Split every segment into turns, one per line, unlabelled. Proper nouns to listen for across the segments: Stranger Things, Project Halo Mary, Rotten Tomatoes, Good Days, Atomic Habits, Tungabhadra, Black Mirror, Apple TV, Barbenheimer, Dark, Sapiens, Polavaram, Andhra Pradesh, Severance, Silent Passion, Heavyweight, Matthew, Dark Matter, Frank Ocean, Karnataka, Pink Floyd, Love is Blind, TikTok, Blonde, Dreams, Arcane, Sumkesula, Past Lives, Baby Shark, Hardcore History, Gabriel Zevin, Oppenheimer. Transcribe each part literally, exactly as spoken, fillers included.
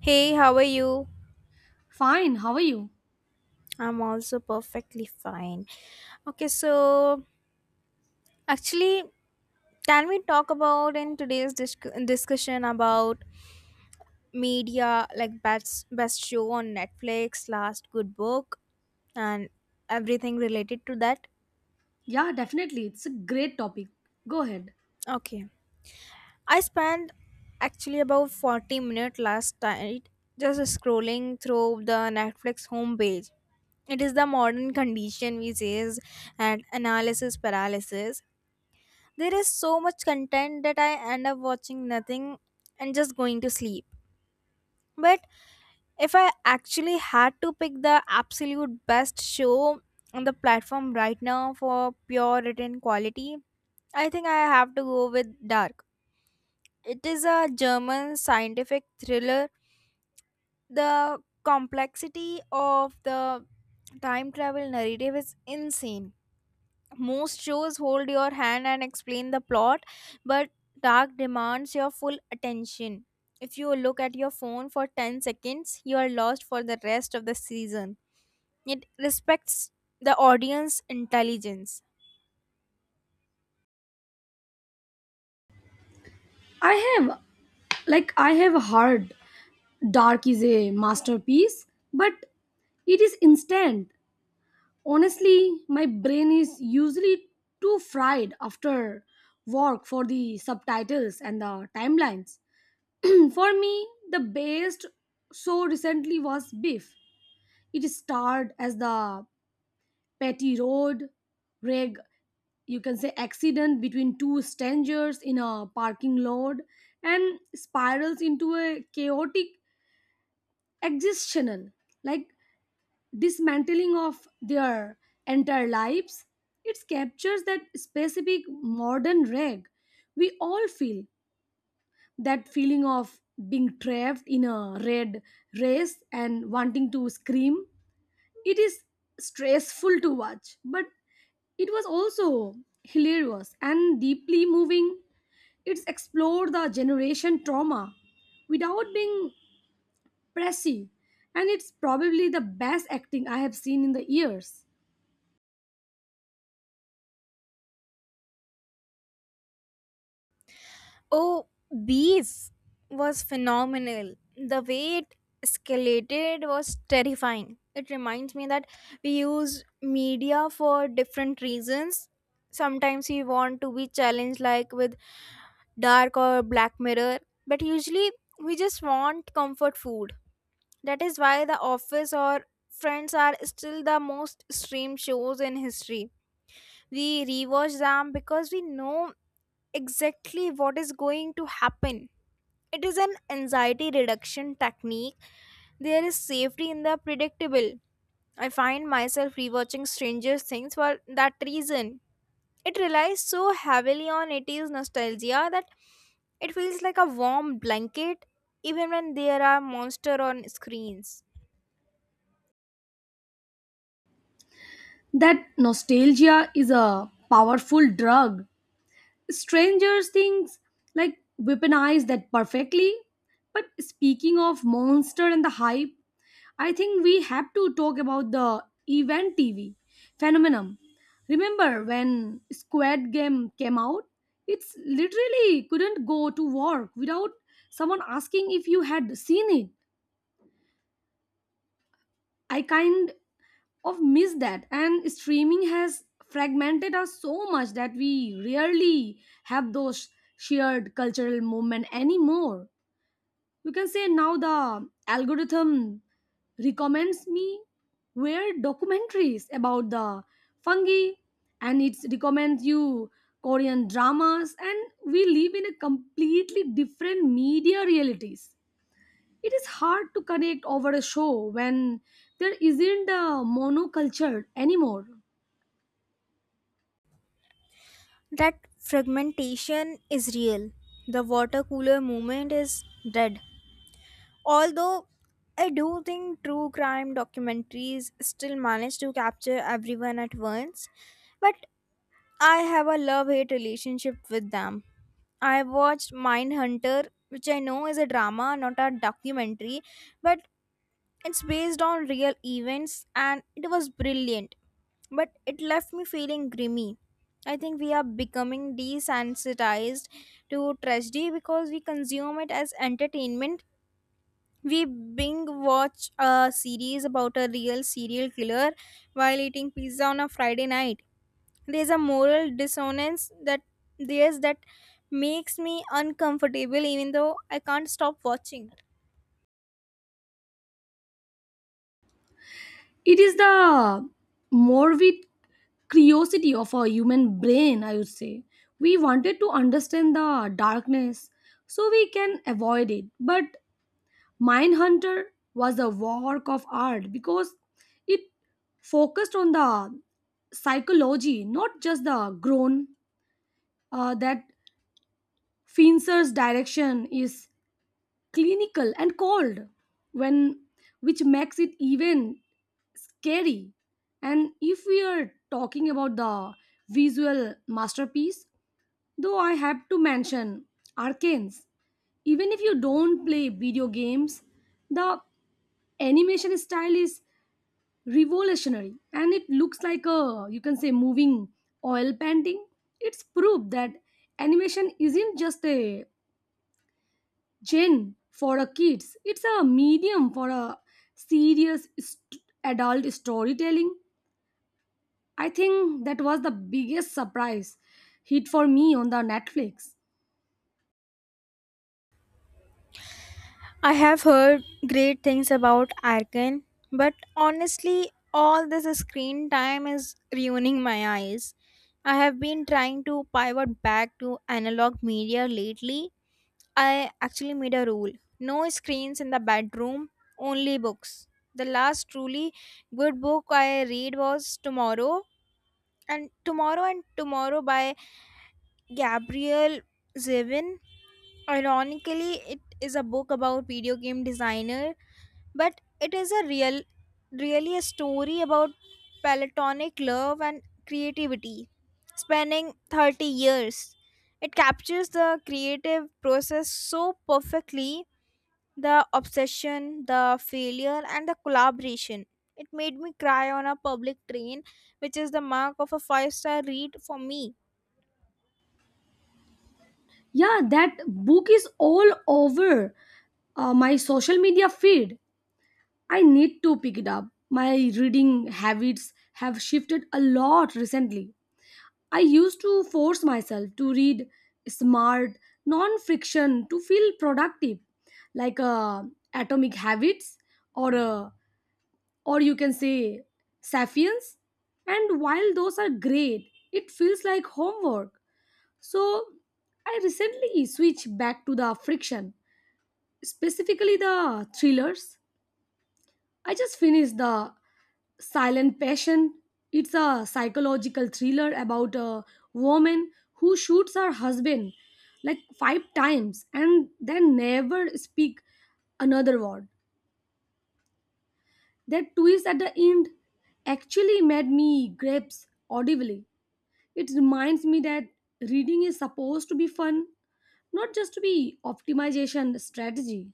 Hey, how are you?
Fine, how are you?
I'm also perfectly fine. Okay, so actually, can we talk about in today's disc- discussion about media, like best best show on Netflix, last good book, and everything related to that?
Yeah, definitely. It's a great topic. Go ahead.
Okay, I spent actually about forty minutes last night just scrolling through the Netflix homepage. It is the modern condition we is and analysis paralysis. There is so much content that I end up watching nothing and just going to sleep. But if I actually had to pick the absolute best show on the platform right now for pure written quality, I think I have to go with Dark. It is a German scientific thriller. The complexity of the time travel narrative is insane. Most shows hold your hand and explain the plot, but Dark demands your full attention. If you look at your phone for ten seconds, you are lost for the rest of the season. It respects the audience intelligence.
I have, like, I have heard Dark is a masterpiece, but it is instant. Honestly, my brain is usually too fried after work for the subtitles and the timelines. For me, the best so recently was Beef. It starred as the Petty Road, Reg, you can say, accident between two strangers in a parking lot and spirals into a chaotic existential, like dismantling of their entire lives. It captures that specific modern rag we all feel, that feeling of being trapped in a red race and wanting to scream. It is stressful to watch, but it was also hilarious and deeply moving. It's explored the generation trauma without being pressy, and it's probably the best acting I have seen in the years.
Oh, Bees was phenomenal. The way it escalated was terrifying. It reminds me that we use media for different reasons. Sometimes we want to be challenged, like with Dark or Black Mirror, but usually we just want comfort food. That is why The Office or Friends are still the most streamed shows in history. We rewatch them because we know exactly what is going to happen. It is an anxiety reduction technique. There is safety in the predictable. I find myself rewatching Stranger Things for that reason. It relies so heavily on eighties nostalgia that it feels like a warm blanket even when there are monsters on screens.
That nostalgia is a powerful drug. Stranger Things, like, weaponize that perfectly. But speaking of monster and the hype, I think we have to talk about the event T V phenomenon. Remember when Squid Game came out? It's literally couldn't go to work without someone asking if you had seen it. I kind of miss that, and streaming has fragmented us so much that we rarely have those shared cultural moment anymore. You can say now the algorithm recommends me where documentaries about the fungi, and it recommends you Korean dramas, and we live in a completely different media realities. It is hard to connect over a show when there isn't a monoculture anymore.
That fragmentation is real. The water cooler moment is dead. Although I do think true crime documentaries still manage to capture everyone at once, but I have a love hate relationship with them. I watched Mindhunter, which I know is a drama, not a documentary, but it's based on real events and it was brilliant. But it left me feeling grimy. I think we are becoming desensitized to tragedy because we consume it as entertainment. We binge watch a series about a real serial killer while eating pizza on a Friday night. There's a moral dissonance that there's that makes me uncomfortable even though I can't stop watching.
It is the morbid curiosity of our human brain, I would say. We wanted to understand the darkness so we can avoid it. But Mindhunter was a work of art because it focused on the psychology, not just the groan. Uh, that Fincher's direction is clinical and cold, when which makes it even scary. And if we are talking about the visual masterpiece, though I have to mention Arcanes, even if you don't play video games, the animation style is revolutionary and it looks like a, you can say, moving oil painting. It's proof that animation isn't just a gen for a kids. It's a medium for a serious st- adult storytelling. I think that was the biggest surprise hit for me on the Netflix.
I have heard great things about Arkan, but honestly all this screen time is ruining my eyes. I have been trying to pivot back to analog media lately. I actually made a rule: no screens in the bedroom, only books. The last truly good book I read was Tomorrow and Tomorrow and Tomorrow by Gabriel Zevin. Ironically, it is a book about video game designer, but it is a real really a story about platonic love and creativity spanning thirty years. It captures the creative process so perfectly: the obsession, the failure, and the collaboration. It made me cry on a public train, which is the mark of a five star read for me.
Yeah, that book is all over uh, my social media feed. I need to pick it up. My reading habits have shifted a lot recently. I used to force myself to read smart, non fiction to feel productive, like uh, Atomic Habits or, uh, or, you can say, Sapiens. And while those are great, it feels like homework. So I recently switched back to the friction, specifically the thrillers. I just finished the Silent Passion. It's a psychological thriller about a woman who shoots her husband like five times and then never speak another word. That twist at the end actually made me grasp audibly. It reminds me that reading is supposed to be fun, not just to be optimization strategy.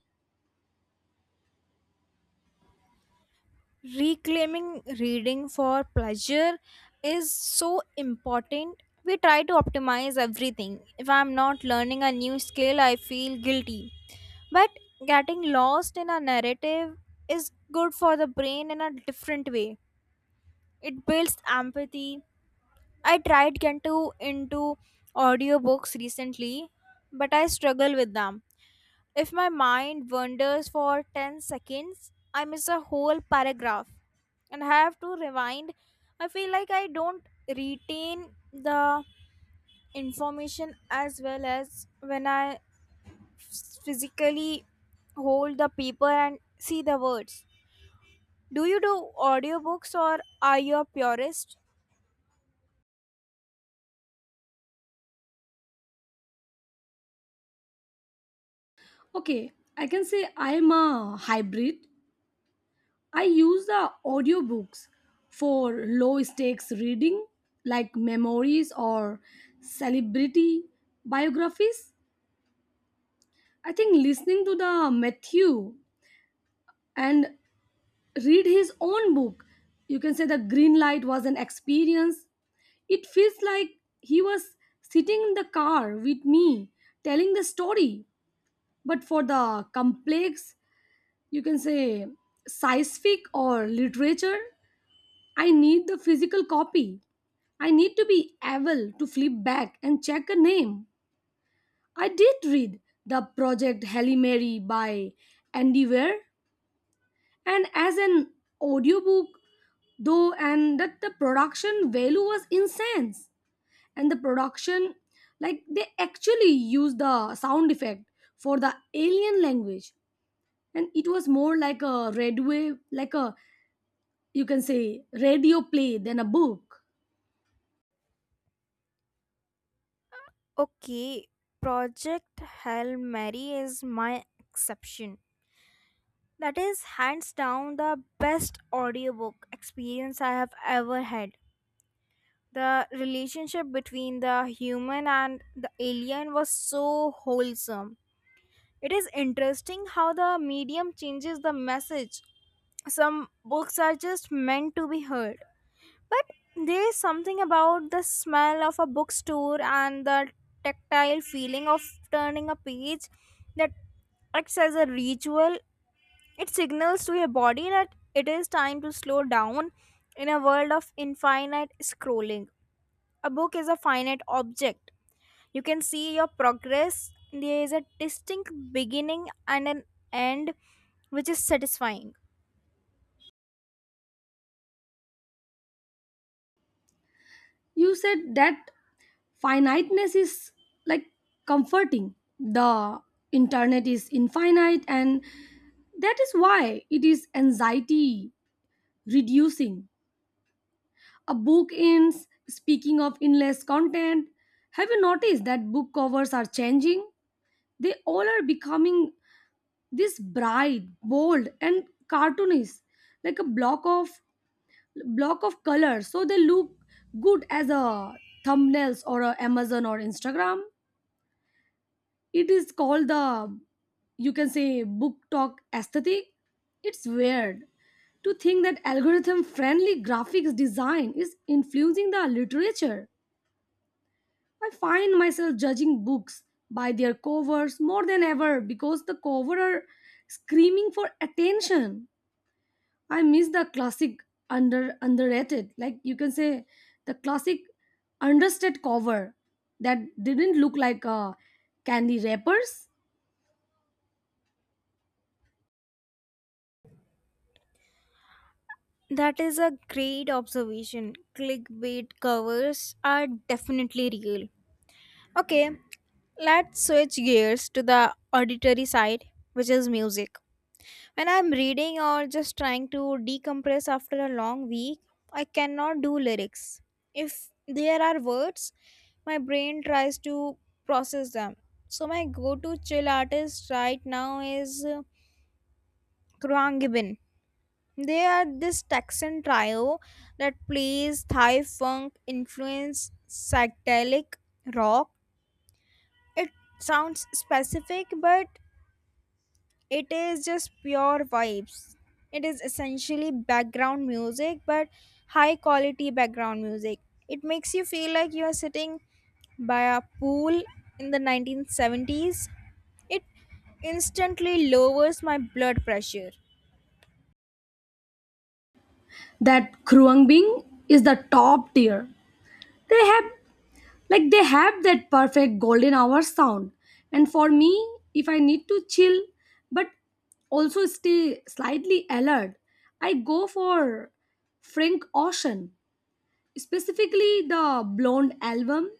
Reclaiming reading for pleasure is so important. We try to optimize everything. If I'm not learning a new skill, I feel guilty. But getting lost in a narrative is good for the brain in a different way. It builds empathy. I tried Kanto into audiobooks recently, but I struggle with them. If my mind wanders for ten seconds, I miss a whole paragraph and I have to rewind. I feel like I don't retain the information as well as when I physically hold the paper and see the words. Do you do audiobooks or are you a purist?
Okay, I can say I'm a hybrid. I use the audiobooks for low stakes reading, like memories or celebrity biographies. I think listening to the Matthew and read his own book, you can say, the green light was an experience. It feels like he was sitting in the car with me telling the story. But for the complex, you can say, scientific or literature, I need the physical copy. I need to be able to flip back and check a name. I did read the project Halle Mary by Andy Weir, and as an audiobook though, and that the production value was insane. And the production, like, they actually used the sound effect for the alien language, and it was more like a red wave, like a, you can say, radio play than a book.
Okay, Project Hail Mary is my exception. That is hands down the best audiobook experience I have ever had. The relationship between the human and the alien was so wholesome. It is interesting how the medium changes the message. Some books are just meant to be heard. But there is something about the smell of a bookstore and the tactile feeling of turning a page that acts as a ritual. It signals to your body that it is time to slow down in a world of infinite scrolling. A book is a finite object. You can see your progress. There is a distinct beginning and an end, which is satisfying.
You said that finiteness is, like, comforting. The internet is infinite, and that is why it is anxiety reducing. A book ends. Speaking of endless content, have you noticed that book covers are changing? They all are becoming this bright, bold and cartoonish, like a block of block of color, so they look good as a thumbnails or a Amazon or Instagram. It is called the, you can say, book talk aesthetic. It's weird to think that algorithm friendly graphics design is influencing the literature. I find myself judging books by their covers more than ever because the cover are screaming for attention. I miss the classic under underrated, like, you can say, the classic understated cover that didn't look like uh, candy wrappers.
That is a great observation. Clickbait covers are definitely real. Okay, let's switch gears to the auditory side, which is music. When I'm reading or just trying to decompress after a long week, I cannot do lyrics. If there are words, my brain tries to process them. So my go-to chill artist right now is uh, Kruang Gibbon. They are this Texan trio that plays Thai funk influence psychedelic rock. It sounds specific but it is just pure vibes. It is essentially background music, but high quality background music. It makes you feel like you are sitting by a pool in the nineteen seventies. It instantly lowers my blood pressure.
That Kruang Bing is the top tier. They have like they have that perfect golden hour sound. And for me, if I need to chill but also stay slightly alert, I go for Frank Ocean, specifically the Blonde album.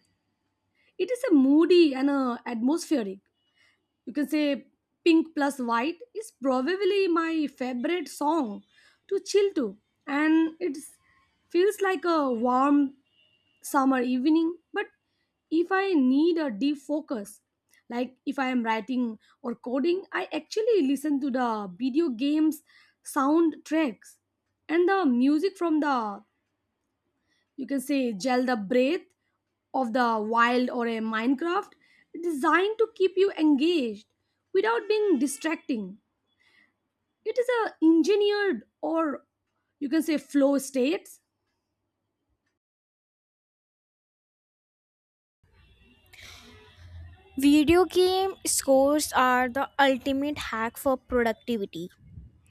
It is a moody and a atmospheric. You can say Pink Plus White is probably my favorite song to chill to, and it feels like a warm summer evening. But if I need a deep focus, like if I am writing or coding, I actually listen to the video games soundtracks and the music from the, you can say, gel the breath of the wild or a Minecraft, designed to keep you engaged without being distracting. It is a engineered, or, you can say, flow states.
Video game scores are the ultimate hack for productivity.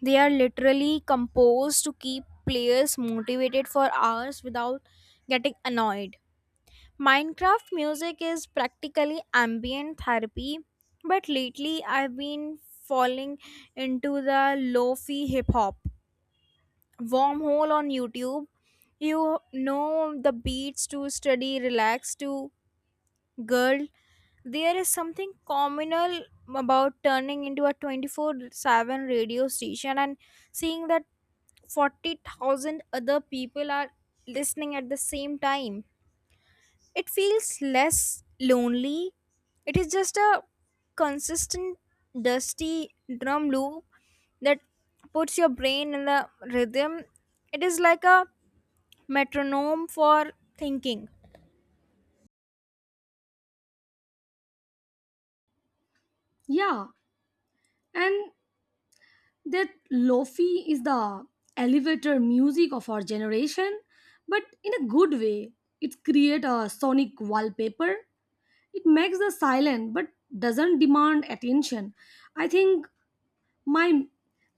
They are literally composed to keep players motivated for hours without getting annoyed. Minecraft music is practically ambient therapy, but lately I've been falling into the lo-fi hip hop wormhole on YouTube. You know the beats to study, relax to, girl. There is something communal about turning into a twenty-four seven radio station and seeing that forty thousand other people are listening at the same time. It feels less lonely. It is just a consistent, dusty drum loop that puts your brain in the rhythm. It is like a metronome for thinking.
Yeah, and that lofi is the elevator music of our generation, but in a good way. It creates a sonic wallpaper. It makes the silent but doesn't demand attention. i think my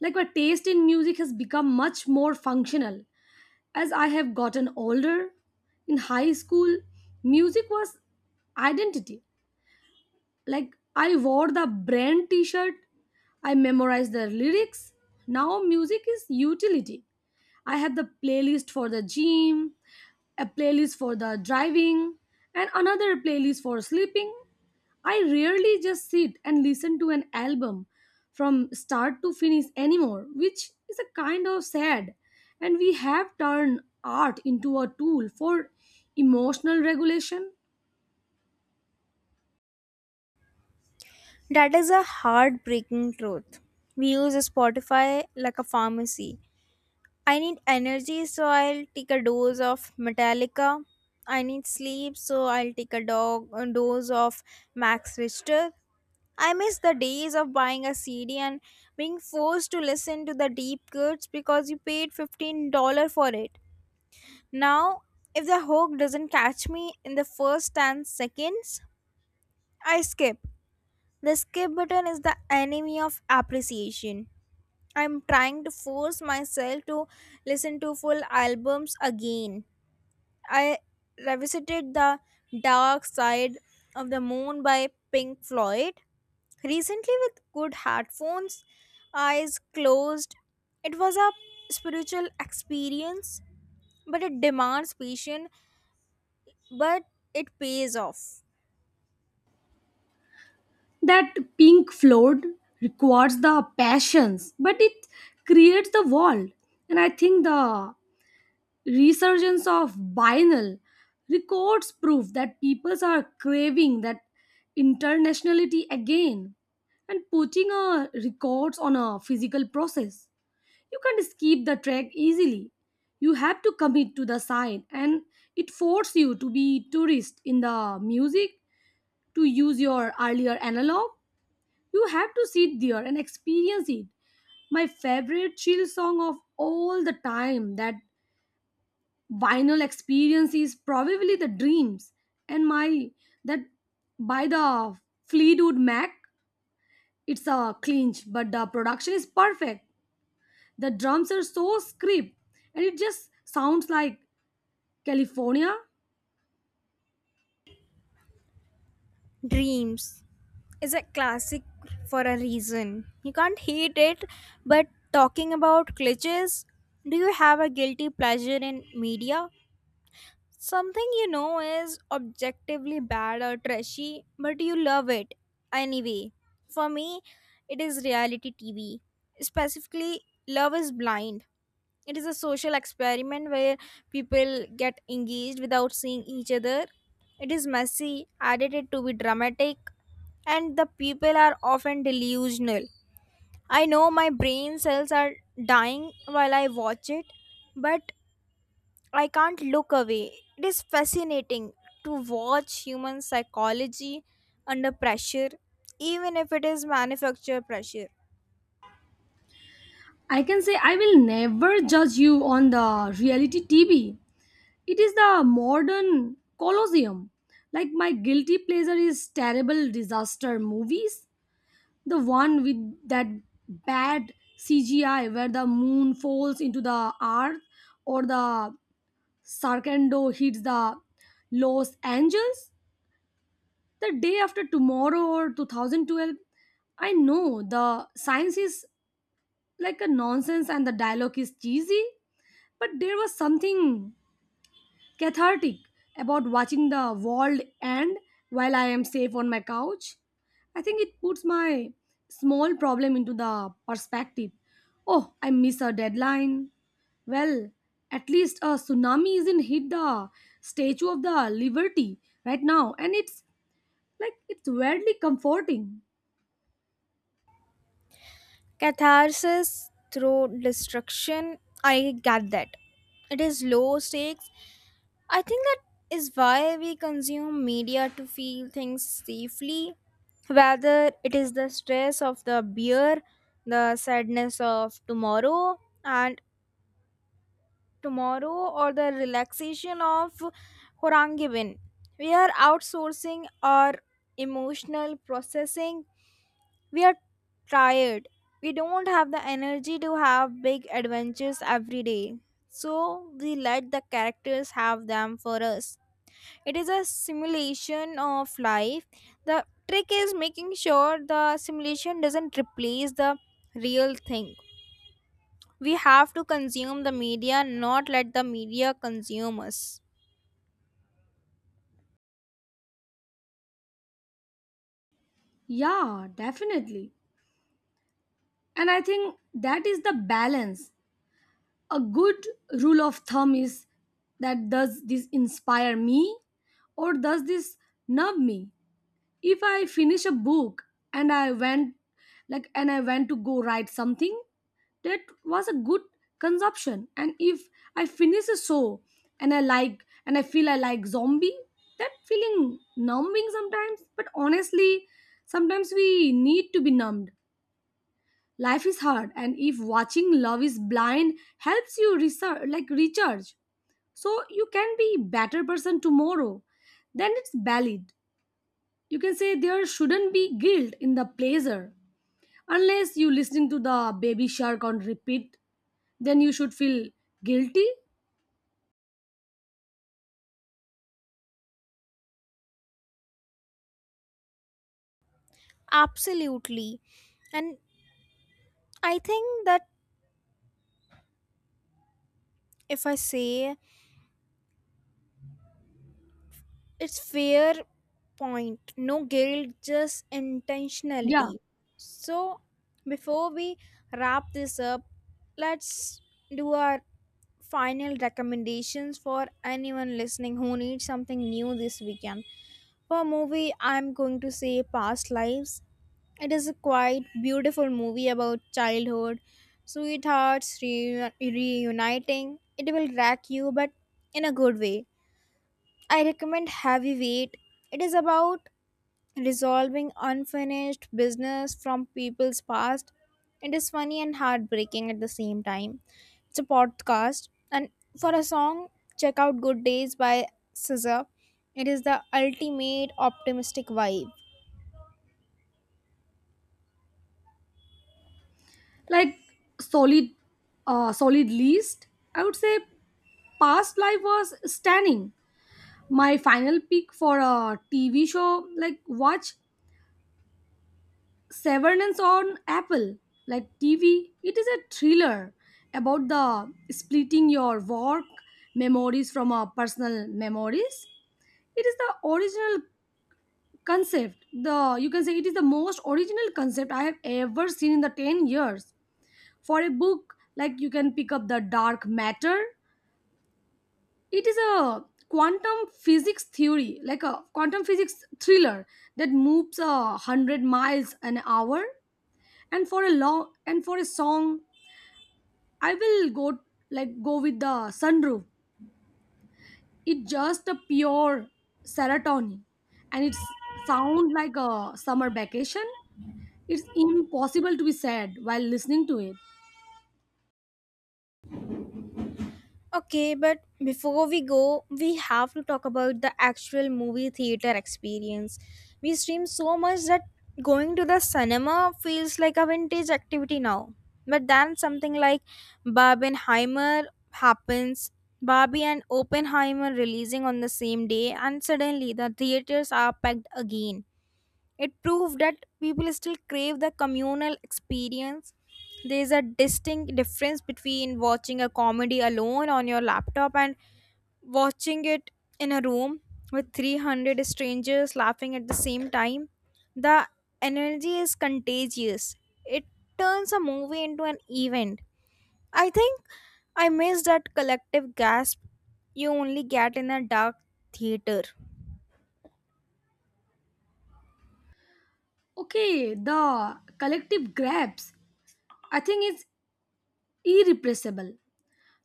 like my taste in music has become much more functional as I have gotten older. In high school, music was identity. Like, I wore the brand t-shirt, I memorized the lyrics. Now music is utility. I have the playlist for the gym, a playlist for the driving, and another playlist for sleeping. I rarely just sit and listen to an album from start to finish anymore, which is a kind of sad. And we have turned art into a tool for emotional regulation.
That is a heartbreaking truth. We use Spotify like a pharmacy. I need energy, so I'll take a dose of Metallica. I need sleep, so I'll take a dog a dose of Max Richter. I miss the days of buying a C D and being forced to listen to the deep cuts because you paid fifteen dollars for it. Now, if the hook doesn't catch me in the first ten seconds, I skip. The skip button is the enemy of appreciation. I'm trying to force myself to listen to full albums again. I revisited The Dark Side of the Moon by Pink Floyd recently, with good headphones, eyes closed. It was a spiritual experience. But it demands patience, but it pays off.
That pink flood requires the passions, but it creates the world. And I think the resurgence of vinyl records prove that people are craving that internationality again. And putting a records on a physical process, you can't skip the track easily. You have to commit to the site, and it forces you to be tourist in the music. To use your earlier analog, you have to sit there and experience it. My favorite chill song of all the time that vinyl experience is probably the dreams and my that by the Fleetwood Mac. It's a clinch, but the production is perfect. The drums are so script, and it just sounds like California.
Dreams is a classic for a reason. You can't hate it, but talking about glitches, do you have a guilty pleasure in media? Something you know is objectively bad or trashy, but you love it anyway. For me, it is reality T V. Specifically, Love is Blind. It is a social experiment where people get engaged without seeing each other. It is messy, edited to be dramatic, and the people are often delusional. I know my brain cells are dying while I watch it, but I can't look away. It is fascinating to watch human psychology under pressure, even if it is manufactured pressure.
I can say I will never judge you on the reality TV. It is the modern colosseum. Like, my guilty pleasure is terrible disaster movies. The one with that bad C G I where the moon falls into the earth, or the Sarkando hits the Los Angeles, the day after tomorrow, or two thousand twelve. I know the science is like a nonsense and the dialogue is cheesy, but there was something cathartic about watching the world end while I am safe on my couch. I think it puts my small problem into the perspective. Oh, I miss a deadline. Well, at least a tsunami isn't hit the Statue of the Liberty right now, and it's like it's weirdly comforting.
Catharsis through destruction, I get that. It is low stakes. I think that is why we consume media to feel things safely, whether it is the stress of the beer, the sadness of tomorrow, and tomorrow or the relaxation of Horangibin. We are outsourcing our emotional processing. We are tired. We don't have the energy to have big adventures every day. So we let the characters have them for us. It is a simulation of life. The trick is making sure the simulation doesn't replace the real thing. We have to consume the media, not let the media consume us.
Yeah, definitely. And I think that is the balance. A good rule of thumb is that, does this inspire me or does this numb me? If I finish a book, and i went like and i went to go write something, that was a good consumption. And if I finish a show, and I like and I feel I like zombie, that feeling numbing sometimes. But honestly, sometimes we need to be numbed. Life is hard, and if watching Love is Blind helps you research, like, recharge, so you can be better person tomorrow, then it's valid. You can say there shouldn't be guilt in the pleasure. Unless you listening to the baby shark on repeat, then you should feel guilty.
Absolutely. And I think that if I say it's fair point, no guilt, just
Yeah.
intentionality. So before we wrap this up, let's do our final recommendations for anyone listening who needs something new this weekend. For movie, I'm going to say Past Lives. It is a quite beautiful movie about childhood, sweethearts re reuniting. It will crack you, but in a good way. I recommend Heavyweight. It is about resolving unfinished business from people's past. It is funny and heartbreaking at the same time. It's a podcast, and for a song, check out Good Days by S Z A. It is the ultimate optimistic vibe.
Like, solid, uh, solid list. I would say past life was stunning. My final pick for a T V show, like, watch Severance on Apple, like T V, it is a thriller about the splitting your work memories from our personal memories. It is the original concept. The, you can say, it is the most original concept I have ever seen in the ten years. For a book, like, you can pick up the dark matter. It is a quantum physics theory, like a quantum physics thriller that moves a hundred miles an hour. And for a long, and for a song, I will go, like, go with the sunroof. It's just a pure serotonin, and it's sound like a summer vacation. It's impossible to be sad while listening to it.
Okay, but before we go, we have to talk about the actual movie theater experience. We stream so much that going to the cinema feels like a vintage activity now. But then something like Barbenheimer happens, Barbie and Oppenheimer releasing on the same day, and suddenly the theaters are packed again. It proved that people still crave the communal experience. There is a distinct difference between watching a comedy alone on your laptop and watching it in a room with three hundred strangers laughing at the same time. The energy is contagious. It turns a movie into an event. I think I miss that collective gasp you only get in a dark theater.
Okay, the collective grabs, I think it's irrepressible.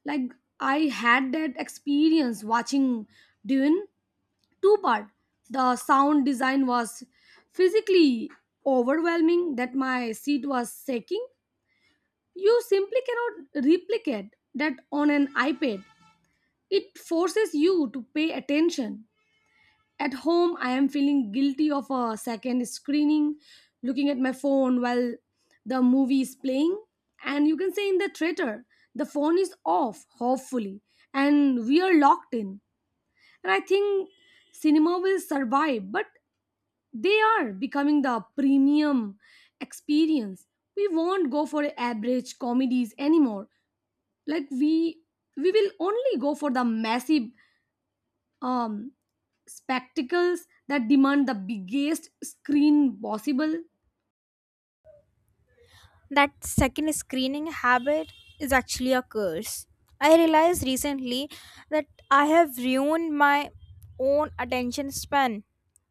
Like, I had that experience watching Dune two part. The sound design was physically overwhelming that my seat was shaking. You simply cannot replicate that on an iPad. It forces you to pay attention. At home, I am feeling guilty of a second screening, looking at my phone while the movie is playing. And, you can say, in the theater, the phone is off hopefully, and we are locked in. And I think cinema will survive, but they are becoming the premium experience. We won't go for average comedies anymore. Like we we will only go for the massive, um spectacles that demand the biggest screen possible.
That second screening habit is actually a curse. I realized recently that I have ruined my own attention span.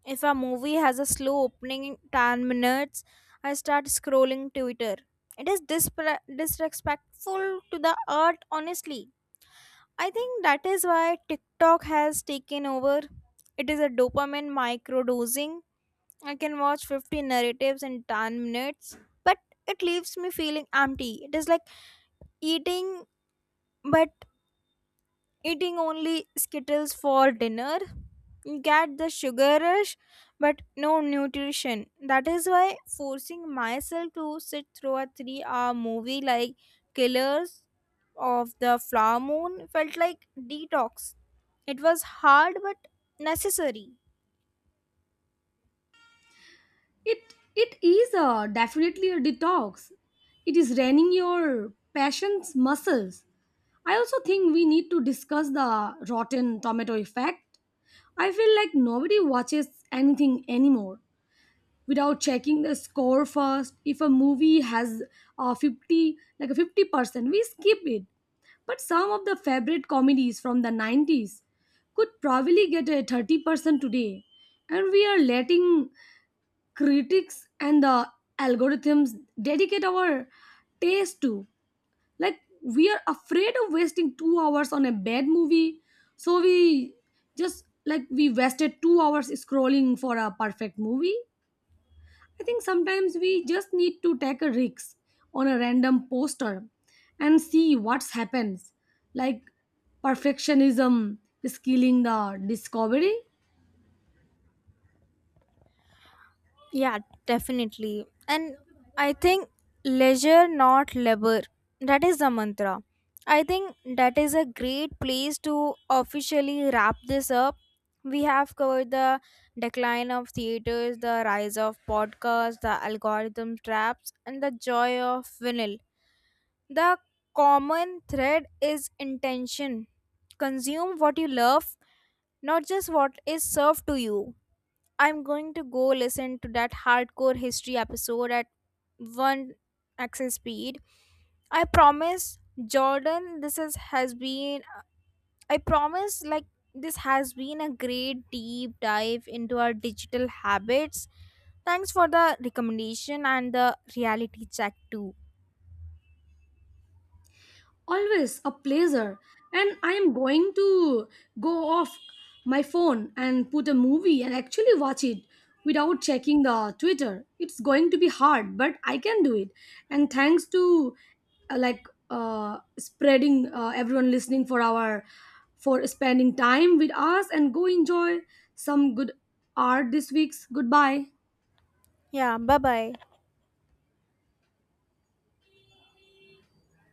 If a movie has a slow opening ten minutes, I start scrolling Twitter. It is dispre- disrespectful to the art, honestly. I think that is why TikTok has taken over. It is a dopamine microdosing. I can watch fifty narratives in ten minutes, but it leaves me feeling empty. It is like eating, but eating only Skittles for dinner. You get the sugar rush, but no nutrition. That is why forcing myself to sit through a three hour movie like Killers of the Flower Moon felt like detox. It was hard but necessary.
It it is a definitely a detox. It is draining your passion's muscles. I also think we need to discuss the rotten tomato effect. I feel like nobody watches anything anymore without checking the score first. If a movie has a fifty, like a fifty percent, we skip it. But some of the favorite comedies from the nineties could probably get a thirty percent today, and we are letting critics and the algorithms dedicate our taste to. Like, we are afraid of wasting two hours on a bad movie, so we just like we wasted two hours scrolling for a perfect movie. I think sometimes we just need to take a risk on a random poster and see what happens. Like, perfectionism is killing the discovery.
Yeah, definitely. And I think leisure, not labor. That is the mantra. I think that is a great place to officially wrap this up. We have covered the decline of theaters, the rise of podcasts, the algorithm traps, and the joy of vinyl. The common thread is intention. Consume what you love, not just what is served to you. I'm going to go listen to that hardcore history episode at one access speed. I promise, Jordan, this is, has been, I promise, like, This has been a great deep dive into our digital habits. Thanks for the recommendation and the reality check, too.
Always a pleasure. And I am going to go off my phone and put a movie and actually watch it without checking the Twitter. It's going to be hard, but I can do it. And thanks to uh, like uh, spreading uh, everyone listening for our, for spending time with us and go enjoy some good art this week's goodbye.
Yeah, bye bye.